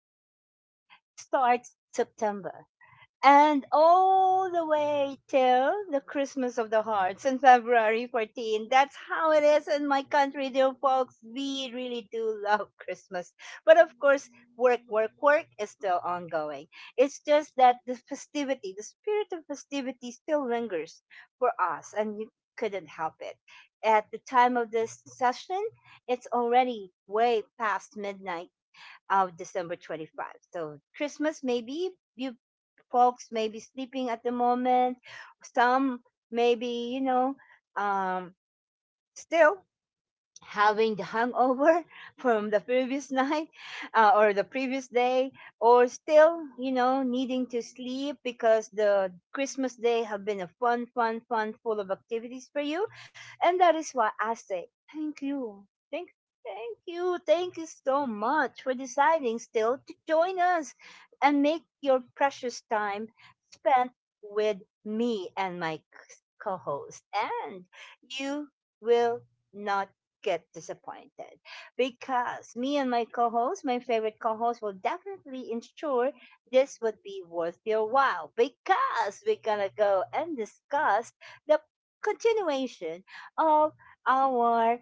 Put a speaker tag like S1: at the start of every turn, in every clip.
S1: Christmas starts September and all the way till the Christmas of the Hearts on February 14th. That's how it is in my country, dear folks. We really do love Christmas. But of course, work, work, work is still ongoing. It's just that the festivity, the spirit of festivity still lingers for us, and you couldn't help it. At the time of this session, it's already way past midnight of December 25th. So Christmas maybe you folks may be sleeping at the moment. Some may be, um, still having the hangover from the previous night or the previous day or still needing to sleep because the christmas day have been a fun fun fun full of activities for you. And that is why I say thank you thank thank you thank you so much for deciding still to join us and make your precious time spent with me and my co-host, and you will not get disappointed because me and my co-host, my favorite co-host, will definitely ensure this would be worth your while because we're gonna go and discuss the continuation of our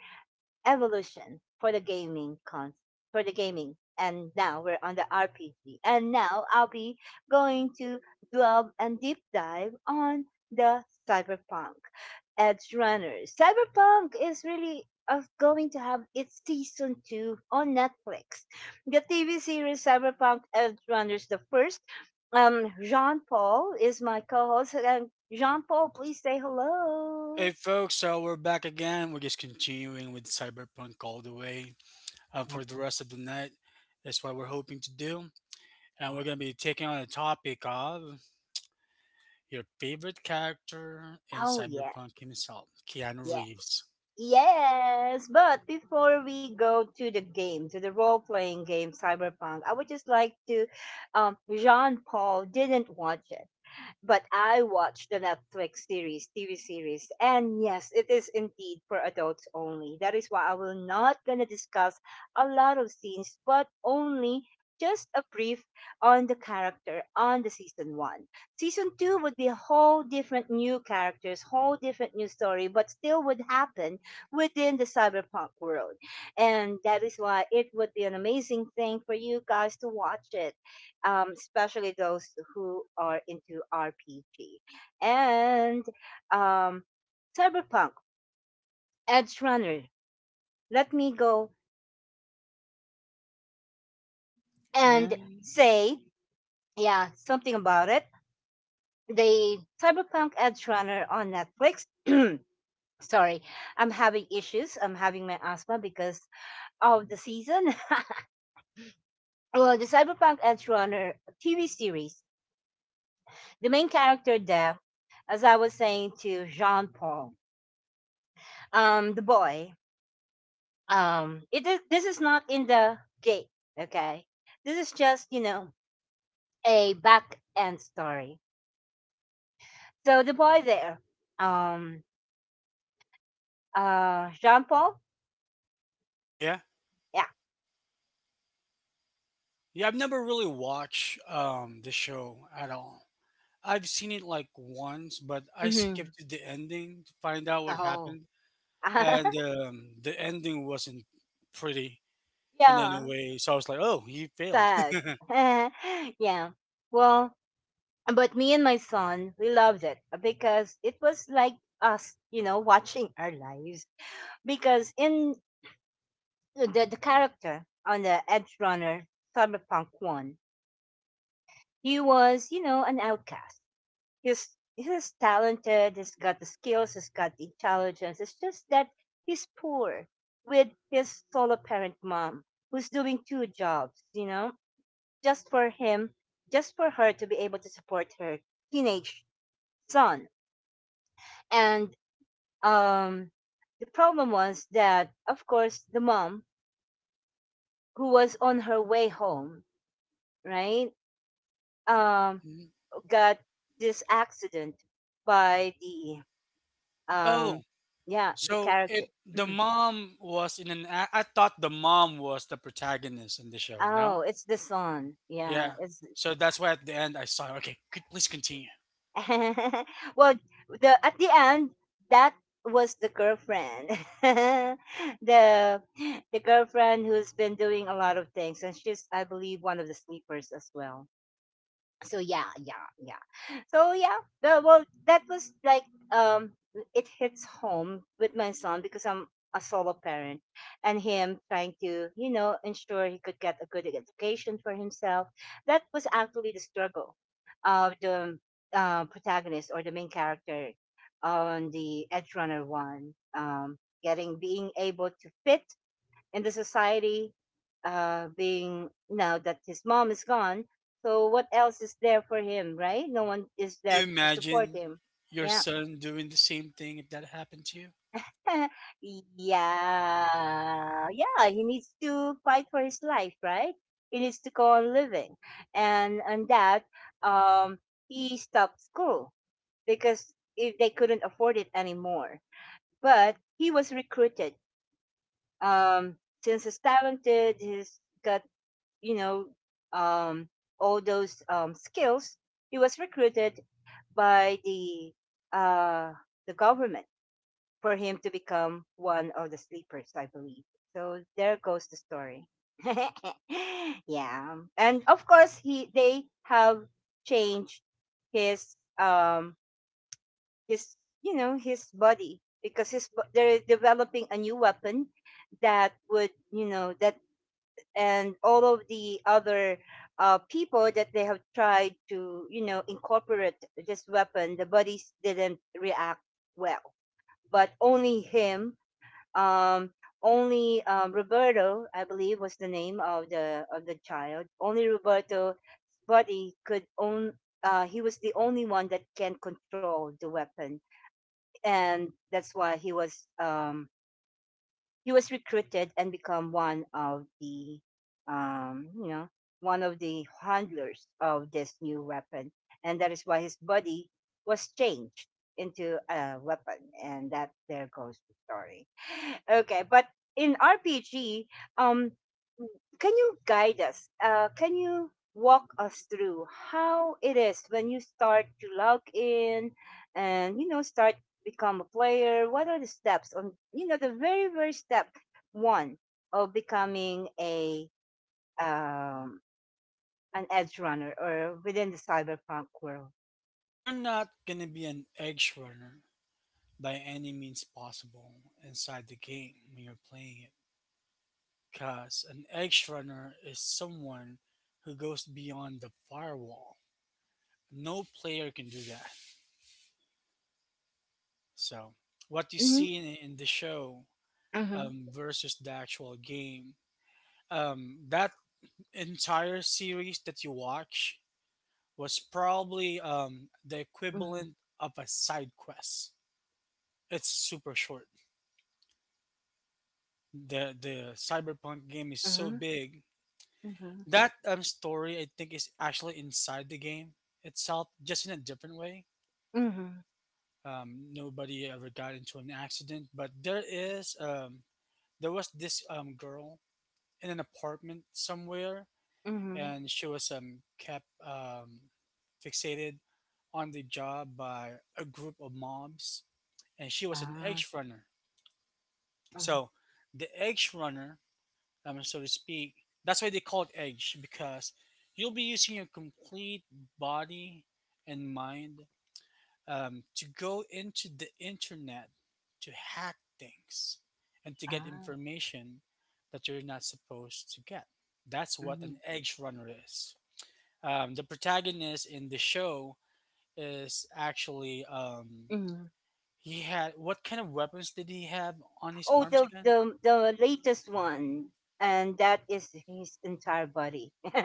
S1: evolution for the gaming, and now we're on the RPG. And now I'll be going to delve and deep dive on the Cyberpunk Edge Runners. Cyberpunk is really of going to have its season two on Netflix. The TV series Cyberpunk Edge Runners the first. Jean Paul is my co-host. And Jean Paul, please say
S2: Hey
S1: hello.
S2: folks, so we're back again. We're just continuing with Cyberpunk all the way for the rest of the night. That's what we're hoping to do. And we're going to be taking on the topic of your favorite character in
S1: Oh yeah,
S2: Cyberpunk himself, Keanu
S1: yeah.
S2: Reeves.
S1: Yes, but before we go to the game, to the role playing game Cyberpunk, I would just like to, Jean Paul didn't watch it. But I watched the Netflix series, TV series, and yes, it is indeed for adults only. That is why I will not gonna discuss a lot of scenes, but only just a brief on the character on the season one. Season two would be a whole different new characters, whole different new story, but still would happen within the Cyberpunk world. And that is why it would be an amazing thing for you guys to watch it, especially those who are into RPG. And um, Cyberpunk, Edge Runner, let me go and
S2: And
S1: say, yeah, something about it. The Cyberpunk Edge Runner on Netflix. Sorry, I'm having issues. I'm having my asthma because of the season. Well, the Cyberpunk Edge Runner TV series, the main character there, as I was saying to Jean Paul, the boy, it is this is not in the game. Okay, this is just, a back end story. So the boy there, um Jean Paul,
S2: yeah,
S1: yeah.
S2: yeah, I've never really watched the show at all. I've seen it like once, but I
S1: Hmm.
S2: skipped the ending to find out what
S1: Oh.
S2: happened. And the ending wasn't pretty. And
S1: Yeah,
S2: anyway, so I was like, "Oh, he failed."
S1: sad. Yeah. Well, but me and my son we loved it because it was like us, watching our lives because in the character on the edge runner cyberpunk one he was, an outcast. He's he's talented, he's got the skills, he's got the intelligence. It's just that he's poor with his solo parent mom who's doing two jobs, just for him, just for her to be able to support her teenage son. And um the problem was that of course the mom who was on her way home, right? Um
S2: Mhm.
S1: got this accident by the, um
S2: Oh,
S1: yeah, the
S2: so
S1: character.
S2: it the
S1: Mhm.
S2: mom was in an. I thought the mom was the protagonist in the show.
S1: Oh,
S2: No,
S1: it's the son, yeah,
S2: yeah.
S1: it's
S2: So that's why at the end I saw. Okay, could please continue.
S1: well, the at the end that was the girlfriend, the the girlfriend who's been doing a lot of things, and she's I believe one of the sleepers as well. So yeah, yeah, yeah. So yeah, well, that was like, um, it hits home with my son because I'm a solo parent, and him trying to, ensure he could get a good education for himself. That was actually the struggle of the, protagonist or the main character on the Edge Runner one, getting being able to fit in the society, being now that his mom is gone. So what else is there for him, right? No one is
S2: Did
S1: there
S2: you
S1: to support
S2: imagine
S1: him.
S2: your
S1: Yeah.
S2: son doing the same thing if that happened to you?
S1: Yeah. Yeah. He needs to fight for his life, right? He needs to go on living. And that, um he stopped school because if they couldn't afford it anymore. But he was recruited. Um since he's talented, he's got, you know, um, all those, skills, he was recruited by uh, the government for him to become one of the sleepers, I believe. So there goes the story. Yeah, and of course he they have changed his, his his body because they're developing a new weapon that would, that, and all of the other, people that they have tried to, incorporate this weapon, the bodies didn't react well. But only him, um, only, Roberto, I believe, was the name of the child. Only Roberto's body could own. He was the only one that can control the weapon, and that's why he was recruited and become one of the you know one of the handlers of this new weapon, and that is why his body was changed into a weapon. And that, there goes the story. Okay, but in RPG, um can you guide us, can you walk us through how it is when you start to log in, and start become a player? What are the steps on, the very very step one of becoming a um, an edge runner or within the Cyberpunk world?
S2: You're not gonna be an edge runner by any means possible inside the game when you're playing it, because an edge runner is someone who goes beyond the firewall, no player can do that. So what you
S1: Mm-hmm.
S2: see in the show,
S1: Mm-hmm.
S2: versus the actual game, that entire series that you watch was probably the
S1: Mm-hmm.
S2: equivalent of a side quest. It's super short. The cyberpunk game is so
S1: Mm-hmm.
S2: big.
S1: Mm-hmm.
S2: That story I think is actually inside the game itself, just in a different way.
S1: Mm-hmm.
S2: Nobody ever got into an accident, but there is there was this girl in an apartment somewhere,
S1: Mm-hmm.
S2: and she was kept fixated on the job by a group of mobs, and she was an
S1: Ah.
S2: edge runner.
S1: Uh-huh.
S2: So the edge runner, so to speak, that's why they call it edge because you'll be using your complete body and mind to go into the internet to hack things and to get
S1: Ah.
S2: information that you're not supposed to get. That's what
S1: Mm-hmm.
S2: an edge runner is. The protagonist in the show is actually
S1: Mm-hmm.
S2: he had what kind of weapons did he have on his
S1: Oh,
S2: arms
S1: the
S2: again?
S1: the the latest one, and that is his entire body.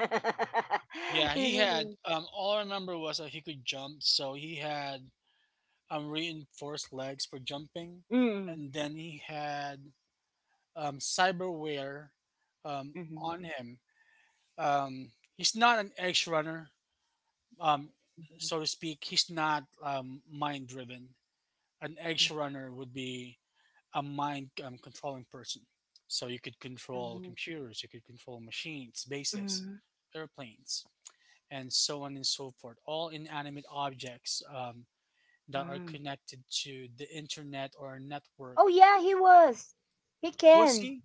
S2: Yeah, he had.
S1: His-
S2: All I remember was that he could jump, so he had reinforced legs for jumping,
S1: mm, mhm,
S2: and then he had cyberware
S1: mhm,
S2: on him. He's not an edge runner, um, so to speak. He's not mind driven. An
S1: mhm,
S2: edge runner would be a mind controlling person. So you could control
S1: mhm,
S2: computers, you could control machines, bases,
S1: mhm,
S2: airplanes, and so on and so forth. All inanimate objects that are
S1: mm.
S2: connected to the internet or a network.
S1: Oh yeah, he was. He
S2: We'll
S1: can.
S2: see.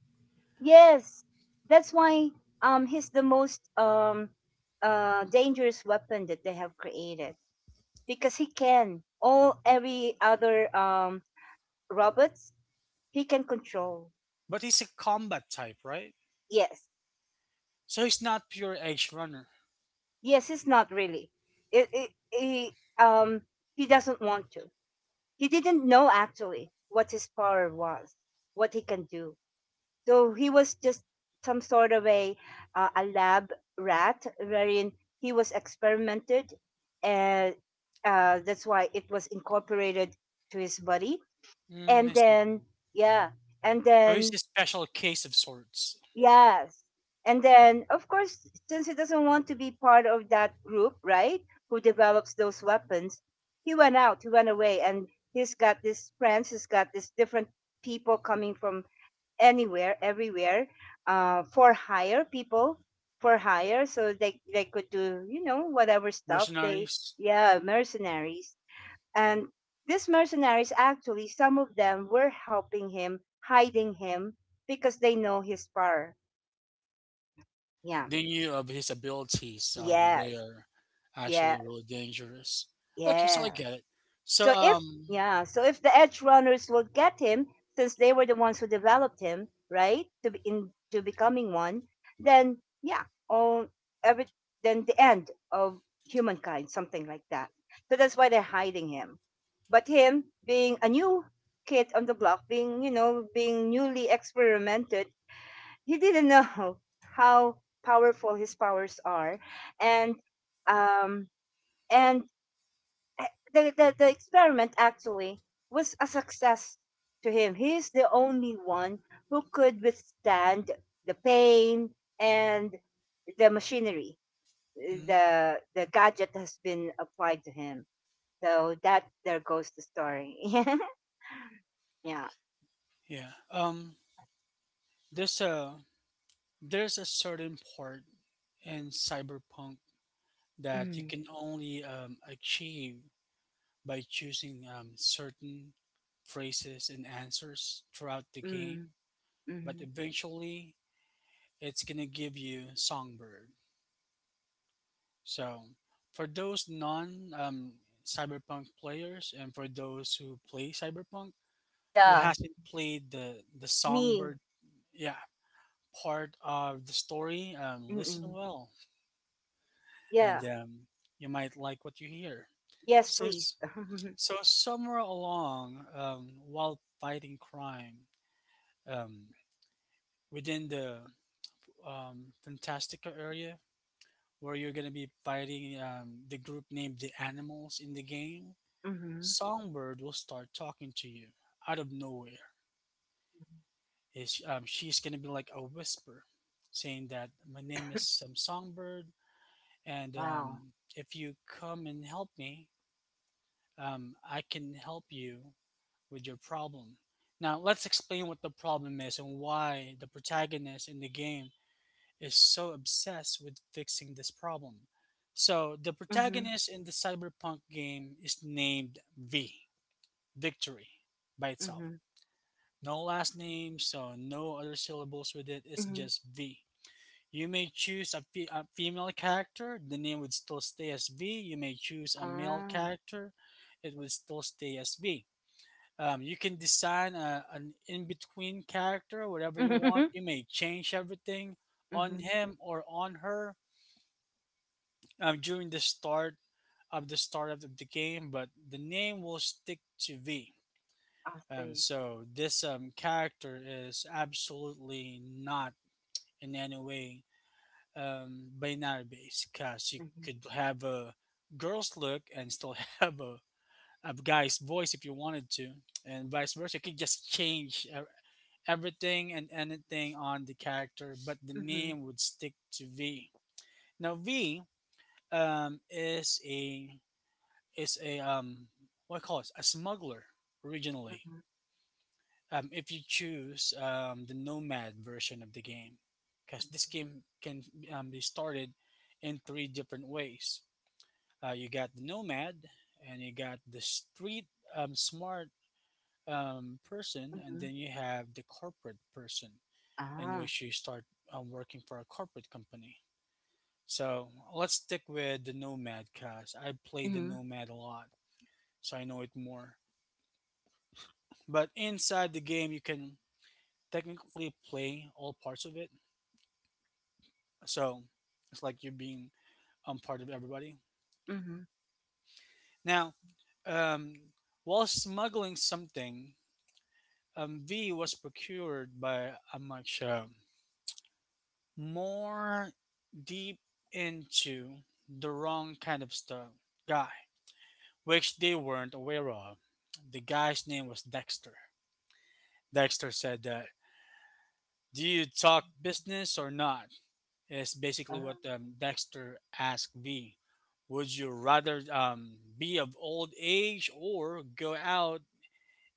S1: Yes. That's why, he's the most, dangerous weapon that they have created because he can. All Every other, robots he can control.
S2: But he's a combat type, right?
S1: Yes.
S2: So he's not pure edge runner.
S1: Yes, it's not really. He he doesn't want to. He didn't know actually what his power was, what he can do. So he was just some sort of a lab rat, wherein he was experimented, and, that's why it was incorporated to his body.
S2: Mm,
S1: And
S2: I see.
S1: then, yeah, and
S2: So he's
S1: then,
S2: a special case of sorts.
S1: yes, and then of course, since he doesn't want to be part of that group, right? Who develops those weapons? He went out. He went away, and he's got these friends. He's got these different people coming from anywhere, everywhere, uh, for hire people for hire, so they could do, whatever stuff they
S2: Mercenaries.
S1: yeah mercenaries, and these mercenaries actually some of them were helping him, hiding him, because they know his power. Yeah.
S2: They knew of his abilities
S1: Yes.
S2: were actually
S1: Yeah.
S2: really dangerous. Okay, so I
S1: Yeah.
S2: get it. So
S1: So if, yeah, so if the edge runners will get him, since they were the ones who developed him, right, to be in to becoming one, then yeah, all, every, then the end of humankind, something like that. So that's why they're hiding him. But him being a new kid on the block, being, being newly experimented, he didn't know how powerful his powers are, and, um, and eh, the experiment actually was a success to him. He's the only one who could withstand the pain and the machinery
S2: mhm,
S1: the gadget has been applied to him. So that there goes the story. Yeah.
S2: yeah. Um, there's a there's a certain part in cyberpunk that you
S1: Mm,
S2: can only achieve by choosing certain phrases and answers throughout the
S1: mm,
S2: game. But
S1: mm.
S2: eventually, it's gonna give you Songbird. So for those non Cyberpunk players and for those who play Cyberpunk who
S1: Yeah.
S2: hasn't played the
S1: Me.
S2: Songbird yeah part of the story, listen
S1: Mm-mm.
S2: well and
S1: Yeah.
S2: you might like what you hear.
S1: Yes,
S2: So
S1: please.
S2: s- so somewhere along while fighting crime um, within the Fantastica area where you're gonna be fighting the group named the animals in the game,
S1: Hmm.
S2: Songbird will start talking to you out of nowhere. Is she's gonna be like a whisper, saying that my name is Songbird, and
S1: Wow.
S2: if you come and help me, I can help you with your problem. Now let's explain what the problem is and why the protagonist in the game is so obsessed with fixing this problem. So, the
S1: Hmm.
S2: protagonist in the cyberpunk game is named V, Victory, by itself.
S1: Hmm.
S2: No last name, so no other syllables with it, it's
S1: Hmm.
S2: just V. You may choose a female character, the name would still stay as V. You may choose a male
S1: Ah.
S2: character, it would still stay as V. You can design an in between character, whatever you
S1: Hmm.
S2: want. You may change everything on
S1: Hmm.
S2: him or on her, during the startup of the game, but the name will stick to V.
S1: I see.
S2: So this character is absolutely not in any way binary based, because you
S1: Mhm,
S2: could have a girl's look and still have a guy's voice if you wanted to, and vice versa. You could just change everything and anything on the character, but the
S1: mhm,
S2: name would stick to V. Now V um, is a is a what I call it a smuggler originally.
S1: mhm,
S2: If you choose the nomad version of the game, because
S1: mhm,
S2: this game can be started in three different ways. You got the nomad, and you got the street smart person, and
S1: mhm.
S2: then you have the corporate person, in
S1: Ah,
S2: which you start working for a corporate company. So let's stick with the nomad, cause I played the
S1: mhm,
S2: nomad a lot, so I know it more. But inside the game, you can technically play all parts of it. So it's like you're being part of everybody.
S1: mhm,
S2: Now, um, while smuggling something, V was procured by Amaksha more deep into the wrong kind of stuff guy, which they weren't aware of. The guy's name was Dexter. Dexter said that, "Do you talk business or not?" is basically what
S1: ah,
S2: Dexter asked V. Would you rather be of old age or go out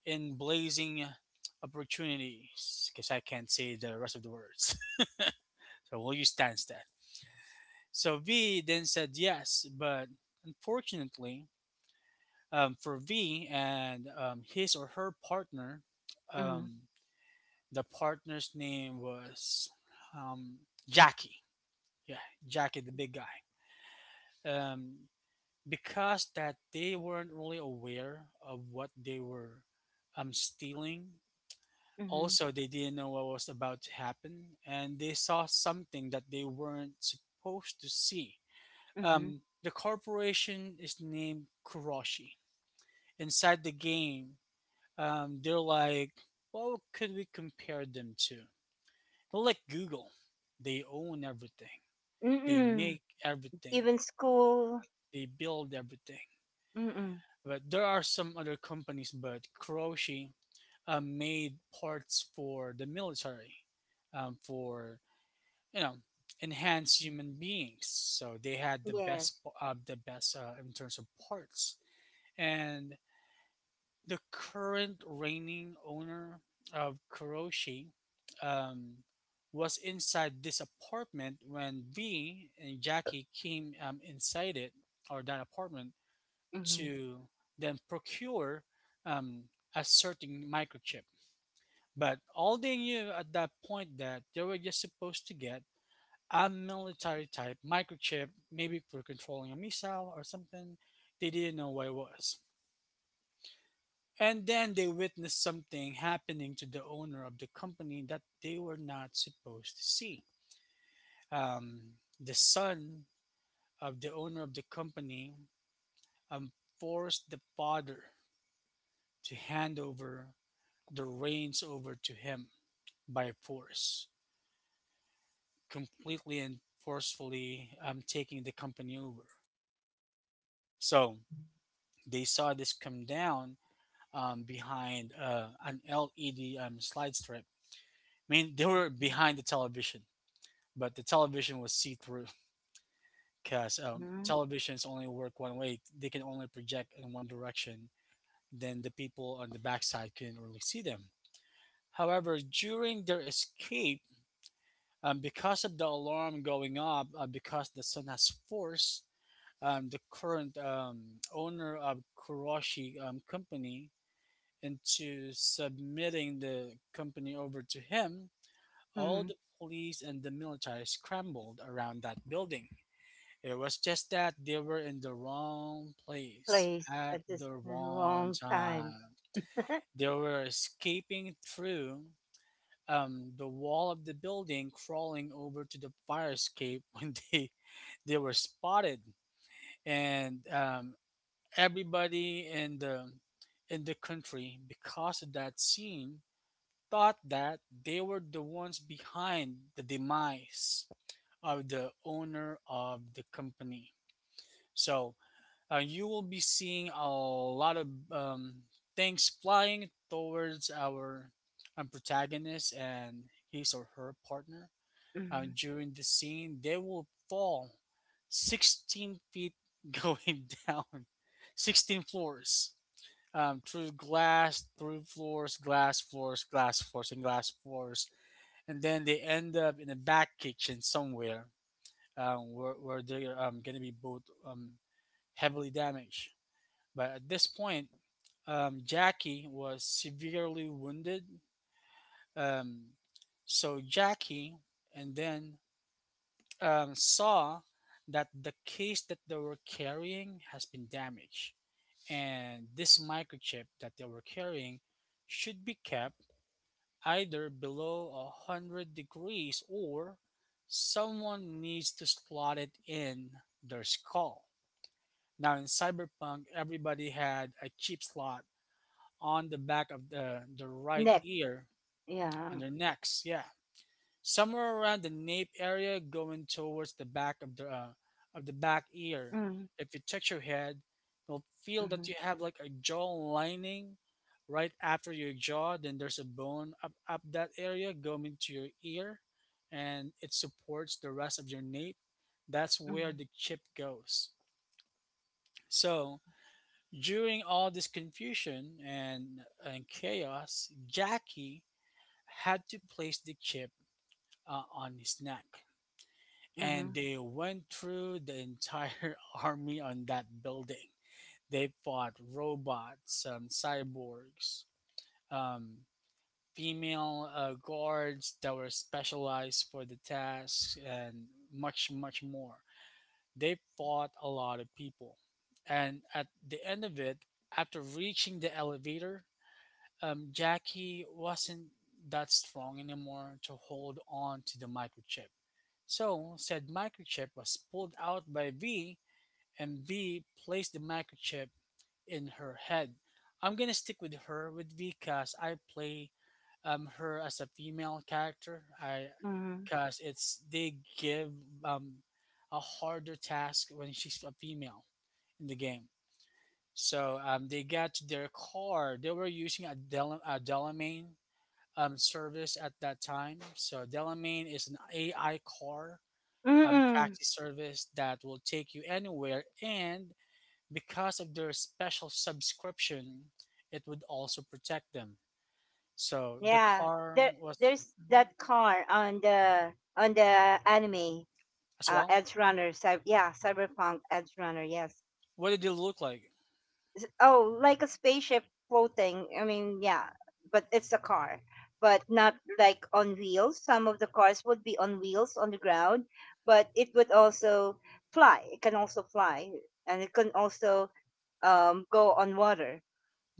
S2: in blazing opportunities? Because I can't say the rest of the words. So we'll use times that. So V then said yes, but unfortunately for V and his or her partner,
S1: mhm,
S2: um, the partner's name was um, Jackie. Yeah, Jackie, the big guy. Um, because that they weren't really aware of what they were stealing.
S1: mhm,
S2: Also, they didn't know what was about to happen, and they saw something that they weren't supposed to see.
S1: mhm.
S2: The corporation is named Kuroshi. Inside the game, they're like, what could we compare them to? They're like Google. They own everything. They
S1: Mm-mm.
S2: make everything.
S1: Even school.
S2: They build everything.
S1: Mm-mm.
S2: But there are some other companies, but Kuroshi made parts for the military, for you know enhanced human beings. So they had
S1: Yes.
S2: the best in terms of parts. And the current reigning owner of Kuroshi um, was inside this apartment when V and Jackie came inside it or that apartment
S1: Mhm,
S2: to then procure um, a certain microchip. But all they knew at that point that they were just supposed to get a military type microchip, maybe for controlling a missile or something. They didn't know what it was. And then they witnessed something happening to the owner of the company that they were not supposed to see. Um, the son of the owner of the company um, forced the father to hand over the reins over to him by force, completely and forcefully taking the company over. So they saw this come down behind an LED slide strip. I mean, they were behind the television, but the television was see through because
S1: mhm,
S2: televisions only work one way. They can only project in one direction. Then the people on the backside couldn't really see them. However, during their escape, because of the alarm going up, because the sun has force, the current owner of Kuroshi Company into submitting the company over to him, all
S1: mhm.
S2: the police and the military scrambled around that building. It was just that they were in the wrong place
S1: Place
S2: at
S1: at this
S2: the wrong
S1: wrong time.
S2: time. They were escaping through the wall of the building crawling over to the fire escape when they were spotted, and everybody in the country because of that scene thought that they were the ones behind the demise of the owner of the company. So you will be seeing a lot of things flying towards our protagonist and his or her partner
S1: Mhm.
S2: during the scene, they will fall 16 feet going down, 16 floors, through glass, through floors, glass floors, glass floors. And then they end up in a back kitchen somewhere where they're going to be both heavily damaged. But at this point, Jackie was severely wounded. Um, so Jackie and then saw that the case that they were carrying has been damaged, and this microchip that they were carrying should be kept either below a 100 degrees or someone needs to slot it in their skull. Now, in Cyberpunk, everybody had a chip slot on the back of the right
S1: Next.
S2: ear on
S1: Yeah.
S2: their necks. Yeah, somewhere around the nape area going towards the back of the back ear.
S1: Mhm,
S2: If you touch your head, you'll feel that
S1: mhm,
S2: you have like a jaw lining right after your jaw. Then there's a bone up that area going to your ear, and it supports the rest of your nape. That's where
S1: mhm,
S2: the chip goes. So during all this confusion and chaos, Jackie had to place the chip on his neck. And
S1: mhm,
S2: they went through the entire army on that building. They fought robots, cyborgs, um, female guards that were specialized for the tasks, and much, much more. They fought a lot of people. And at the end of it, after reaching the elevator, Jackie wasn't that strong anymore to hold on to the microchip. So said microchip was pulled out by V, and V placed the microchip in her head. I'm gonna stick with her, with V, because I play her as a female character. I
S1: mhm.
S2: because it's they give um a harder task when she's a female in the game. So they got to their car. They were using a, a Delamain service at that time. So Delamain is an AI car taxi
S1: Mm-mm.
S2: service that will take you anywhere. And because of their special subscription, it would also protect them. So the
S1: Yeah.
S2: car
S1: There,
S2: was
S1: there's
S2: mhm,
S1: that car on the anime.
S2: as well.
S1: Edge runner, cyber yeah, cyberpunk edge runner, yes.
S2: What did it look like?
S1: Oh, like a spaceship floating, I mean, yeah, but it's a car, but not like on wheels, some of the cars would be on wheels on the ground, but it would also fly, it can also fly, and it can also, go on water.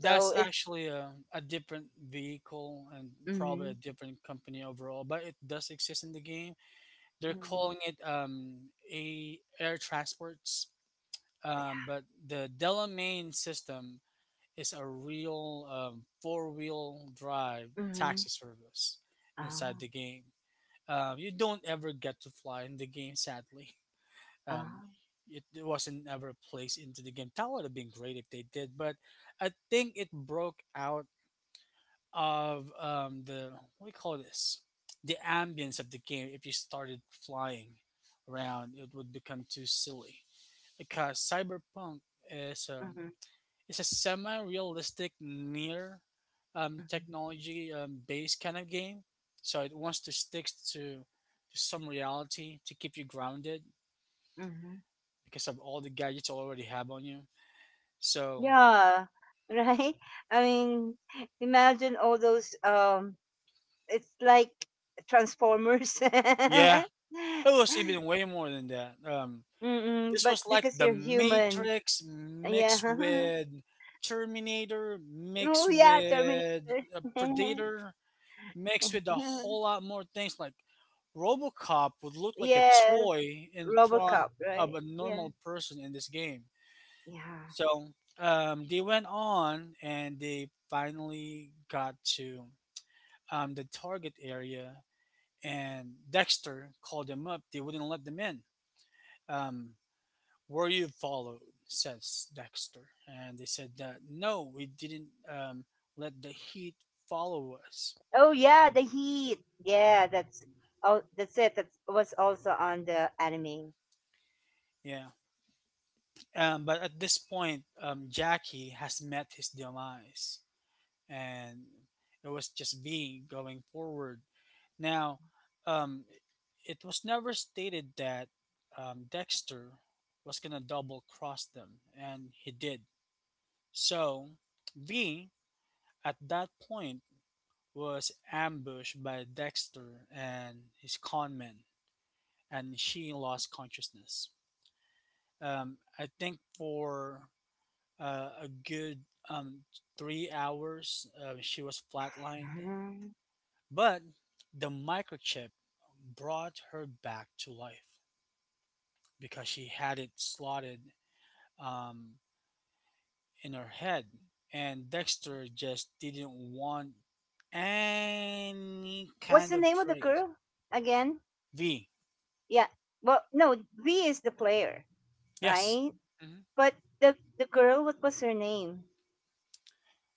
S1: So it's
S2: actually a different vehicle and probably
S1: mm-hmm,
S2: a different company overall, but it does exist in the game. They're
S1: mm-hmm,
S2: calling it a air transports, but the Delamain system, it's a real four-wheel drive
S1: mm-hmm,
S2: taxi service inside
S1: uh,
S2: the game. You don't ever get to fly in the game, sadly. Um,
S1: uh,
S2: it wasn't ever placed into the game. That would have been great if they did, but I think it broke out of the, what do you call this? The ambience of the game. If you started flying around, it would become too silly because Cyberpunk is
S1: mm-hmm,
S2: it's a semi-realistic near technology based kind of game. So it wants to stick to some reality to keep you grounded
S1: mm-hmm.
S2: because of all the gadgets you already have on you. So
S1: Yeah, right? I mean, imagine all those, it's like Transformers.
S2: yeah, it was even way more than that.
S1: Mm-mm,
S2: This
S1: but
S2: was like
S1: because
S2: the
S1: you're human.
S2: Matrix mixed
S1: Yeah.
S2: with Terminator mixed
S1: Oh yeah, Terminator.
S2: with Predator mixed with a whole lot more things, like RoboCop would look like a
S1: Yes,
S2: toy in front
S1: RoboCop,
S2: of
S1: right?
S2: a
S1: Yeah.
S2: normal person in this game.
S1: Yeah.
S2: So they went on and they finally got to the target area, and Dexter called them up. They wouldn't let them in. Um, "Were you followed?" says Dexter. And they said that no, we didn't let the heat follow us.
S1: Oh yeah, the heat. Yeah, that's oh that's it. That was also on the anime.
S2: Yeah. But at this point, Jackie has met his demise, and it was just V going forward. Now, um, it was never stated that Dexter was gonna double cross them, and he did. So, V at that point was ambushed by Dexter and his con men, and she lost consciousness. I think for a good um, 3 hours. She was flatlined,
S1: Mhm.
S2: but the microchip brought her back to life because she had it slotted um, in her head. And Dexter just didn't want any
S1: What's
S2: kind
S1: the
S2: of
S1: name of the
S2: trace.
S1: girl again?
S2: V,
S1: Yeah. Well, no, V is the player,
S2: yes.
S1: right?
S2: Hmm,
S1: But the girl, what was her name?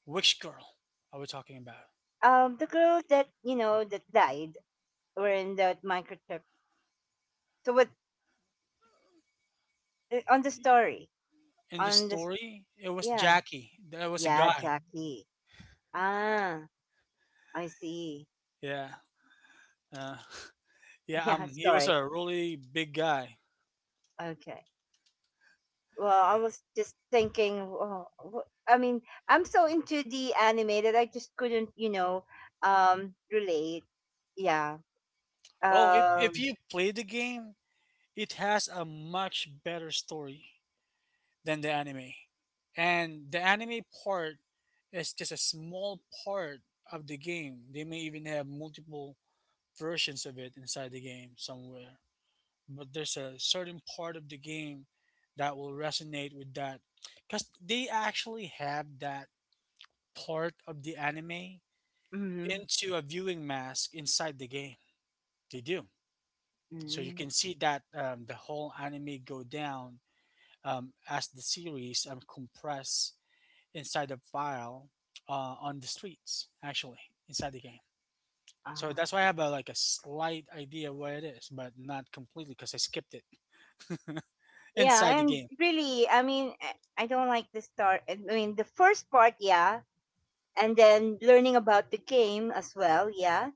S2: which girl are we talking about?
S1: The girl that, that died or in that microchip. So what, on the story?
S2: In the
S1: On the s-
S2: story, it was
S1: yeah,
S2: Jackie. There was a
S1: yeah,
S2: guy.
S1: Jackie. Ah, I see.
S2: Yeah. Uh, yeah,
S1: Yeah,
S2: he was
S1: sorry.
S2: a really big guy.
S1: Okay. Well, I was just thinking. Oh, I mean, I'm so into the anime that I just couldn't, relate. Yeah.
S2: Oh, if
S1: Um.
S2: you play the game, it has a much better story than the anime, and the anime part is just a small part of the game. They may even have multiple versions of it inside the game somewhere, but there's a certain part of the game that will resonate with that, because they actually have that part of the anime
S1: Mhm.
S2: into a viewing mask inside the game. They do. So you
S1: Mm.
S2: can see that the whole anime go down as the series compress inside the file on the streets, actually, inside the game. So
S1: Ah.
S2: that's why I have a, like a slight idea where it is, but not completely because I skipped it inside
S1: Yeah,
S2: the
S1: and
S2: game.
S1: really, I mean, I don't like the start. I mean, the first part, yeah, and then learning about the game as well, yeah.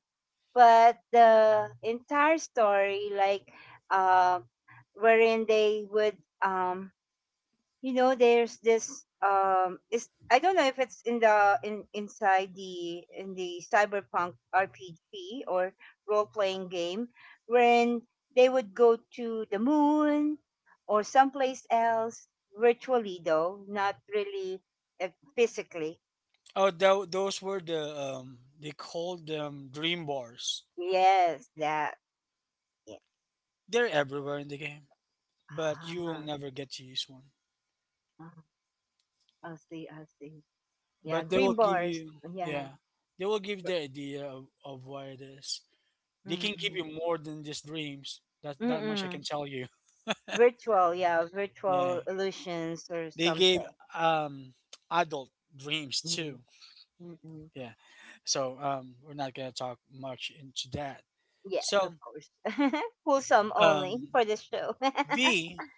S1: But the entire story, like, uh, wherein they would, there's this, is I don't know if it's in the in inside the in the Cyberpunk RPG or role playing game when they would go to the moon or someplace else virtually though not really, uh, physically.
S2: Oh, those were the they called them dream bars.
S1: Yes, that, yeah.
S2: They're everywhere in the game, but you'll
S1: Ah,
S2: never get to use one.
S1: ah, I see, I see. Yeah,
S2: But they
S1: dream
S2: will give
S1: bars.
S2: you,
S1: Yeah.
S2: yeah, they will give the idea of where it is. They can give you more than just dreams. That that much I can
S1: Mm-mm.
S2: tell you.
S1: Virtual, yeah,
S2: Yeah.
S1: virtual illusions or
S2: They gave
S1: something.
S2: um adult dreams
S1: Mm,
S2: too.
S1: mm-mm.
S2: Yeah. So we're not gonna talk much into that.
S1: Yes, of
S2: So
S1: course. Wholesome
S2: um
S1: only for this show.
S2: V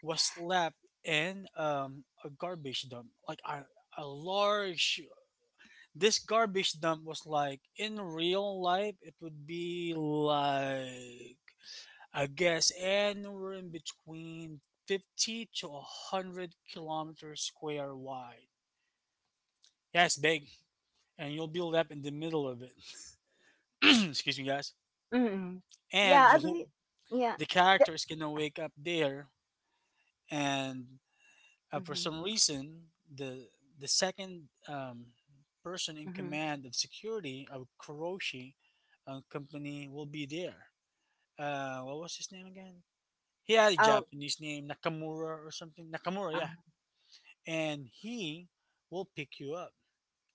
S2: was left in a garbage dump. Like a large, this garbage dump was like in real life, it would be like I guess anywhere in between 50 to 100 kilometers square wide. Yeah, it's big, and you'll be left in the middle of it. Excuse me, guys.
S1: Mm. Yeah,
S2: And
S1: I
S2: you,
S1: believe. Yeah.
S2: the
S1: The,
S2: characters gonna wake up there, and for
S1: mm-hmm.
S2: some reason, the second person in
S1: Mm-hmm.
S2: command of security of Kuroshi company will be there. What was his name again? He had a
S1: Oh,
S2: Japanese name, Nakamura or something. Nakamura, yeah.
S1: oh,
S2: And he will pick you up.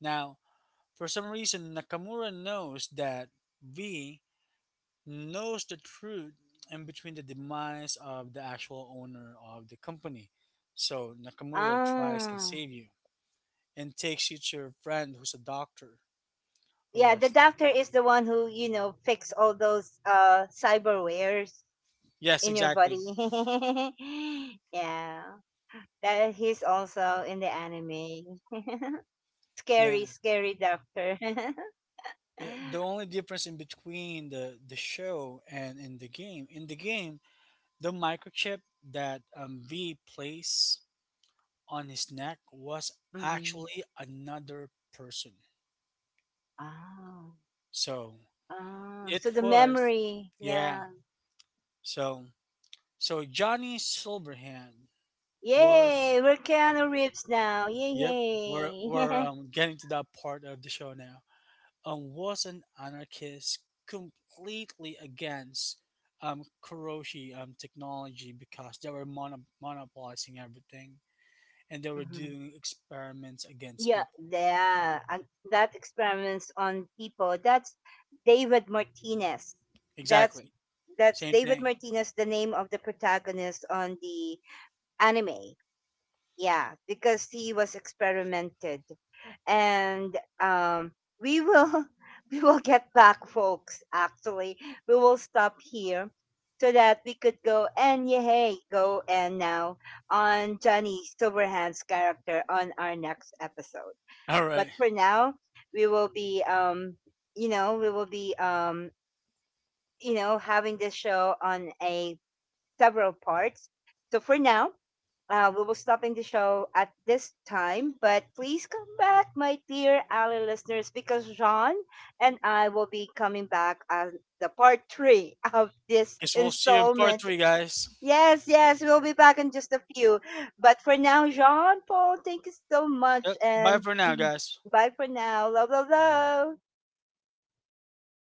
S2: Now, for some reason, Nakamura knows that V knows the truth in between the demise of the actual owner of the company. So Nakamura tries and
S1: ah.
S2: save you and takes you to your friend who's a doctor, or
S1: Yeah, the
S2: was.
S1: doctor is the one who, fix all those, cyberwares
S2: Yes,
S1: in your body.
S2: exactly.
S1: Yeah. That he's also in the anime.
S2: Yeah,
S1: Scary, scary doctor.
S2: yeah. The only difference in between the show and in the game, the microchip that V plays on his neck was
S1: Mm-hmm.
S2: actually another person.
S1: Ah.
S2: So
S1: Ah,
S2: it
S1: so the
S2: was,
S1: memory,
S2: yeah.
S1: yeah.
S2: So so Johnny Silverhand was,
S1: Yay, we're Keanu Reeves now.
S2: yep. We're
S1: Yay.
S2: we're um, getting to that part of the show now. Was an anarchist completely against Kuroshi technology because they were monopolizing everything and they were
S1: Hmm.
S2: doing experiments against
S1: Yeah,
S2: people.
S1: yeah, and that experiments on people. That's David Martinez. That's
S2: Exactly,
S1: that's
S2: same
S1: David
S2: thing.
S1: Martinez, the name of the protagonist on the anime. Yeah, because he was experimented, and, we will we will get back, folks. Actually, we will stop here so that we could go and yay, go and now on Johnny Silverhand's character on our next episode.
S2: All
S1: But
S2: right.
S1: for now, we will be you know, we will be um, having this show on a several parts. So for now, we will stopping the show at this time, but please come back, my dear Ally listeners, because John and I will be coming back on the part three of this
S2: Guess we'll see you in part
S1: installment.
S2: three, guys.
S1: Yes, yes, we'll be back in just a few. But for now, John Paul, thank you so much,
S2: Yep. Bye
S1: and
S2: for now,
S1: mhm,
S2: guys.
S1: bye for now. Love, love, love.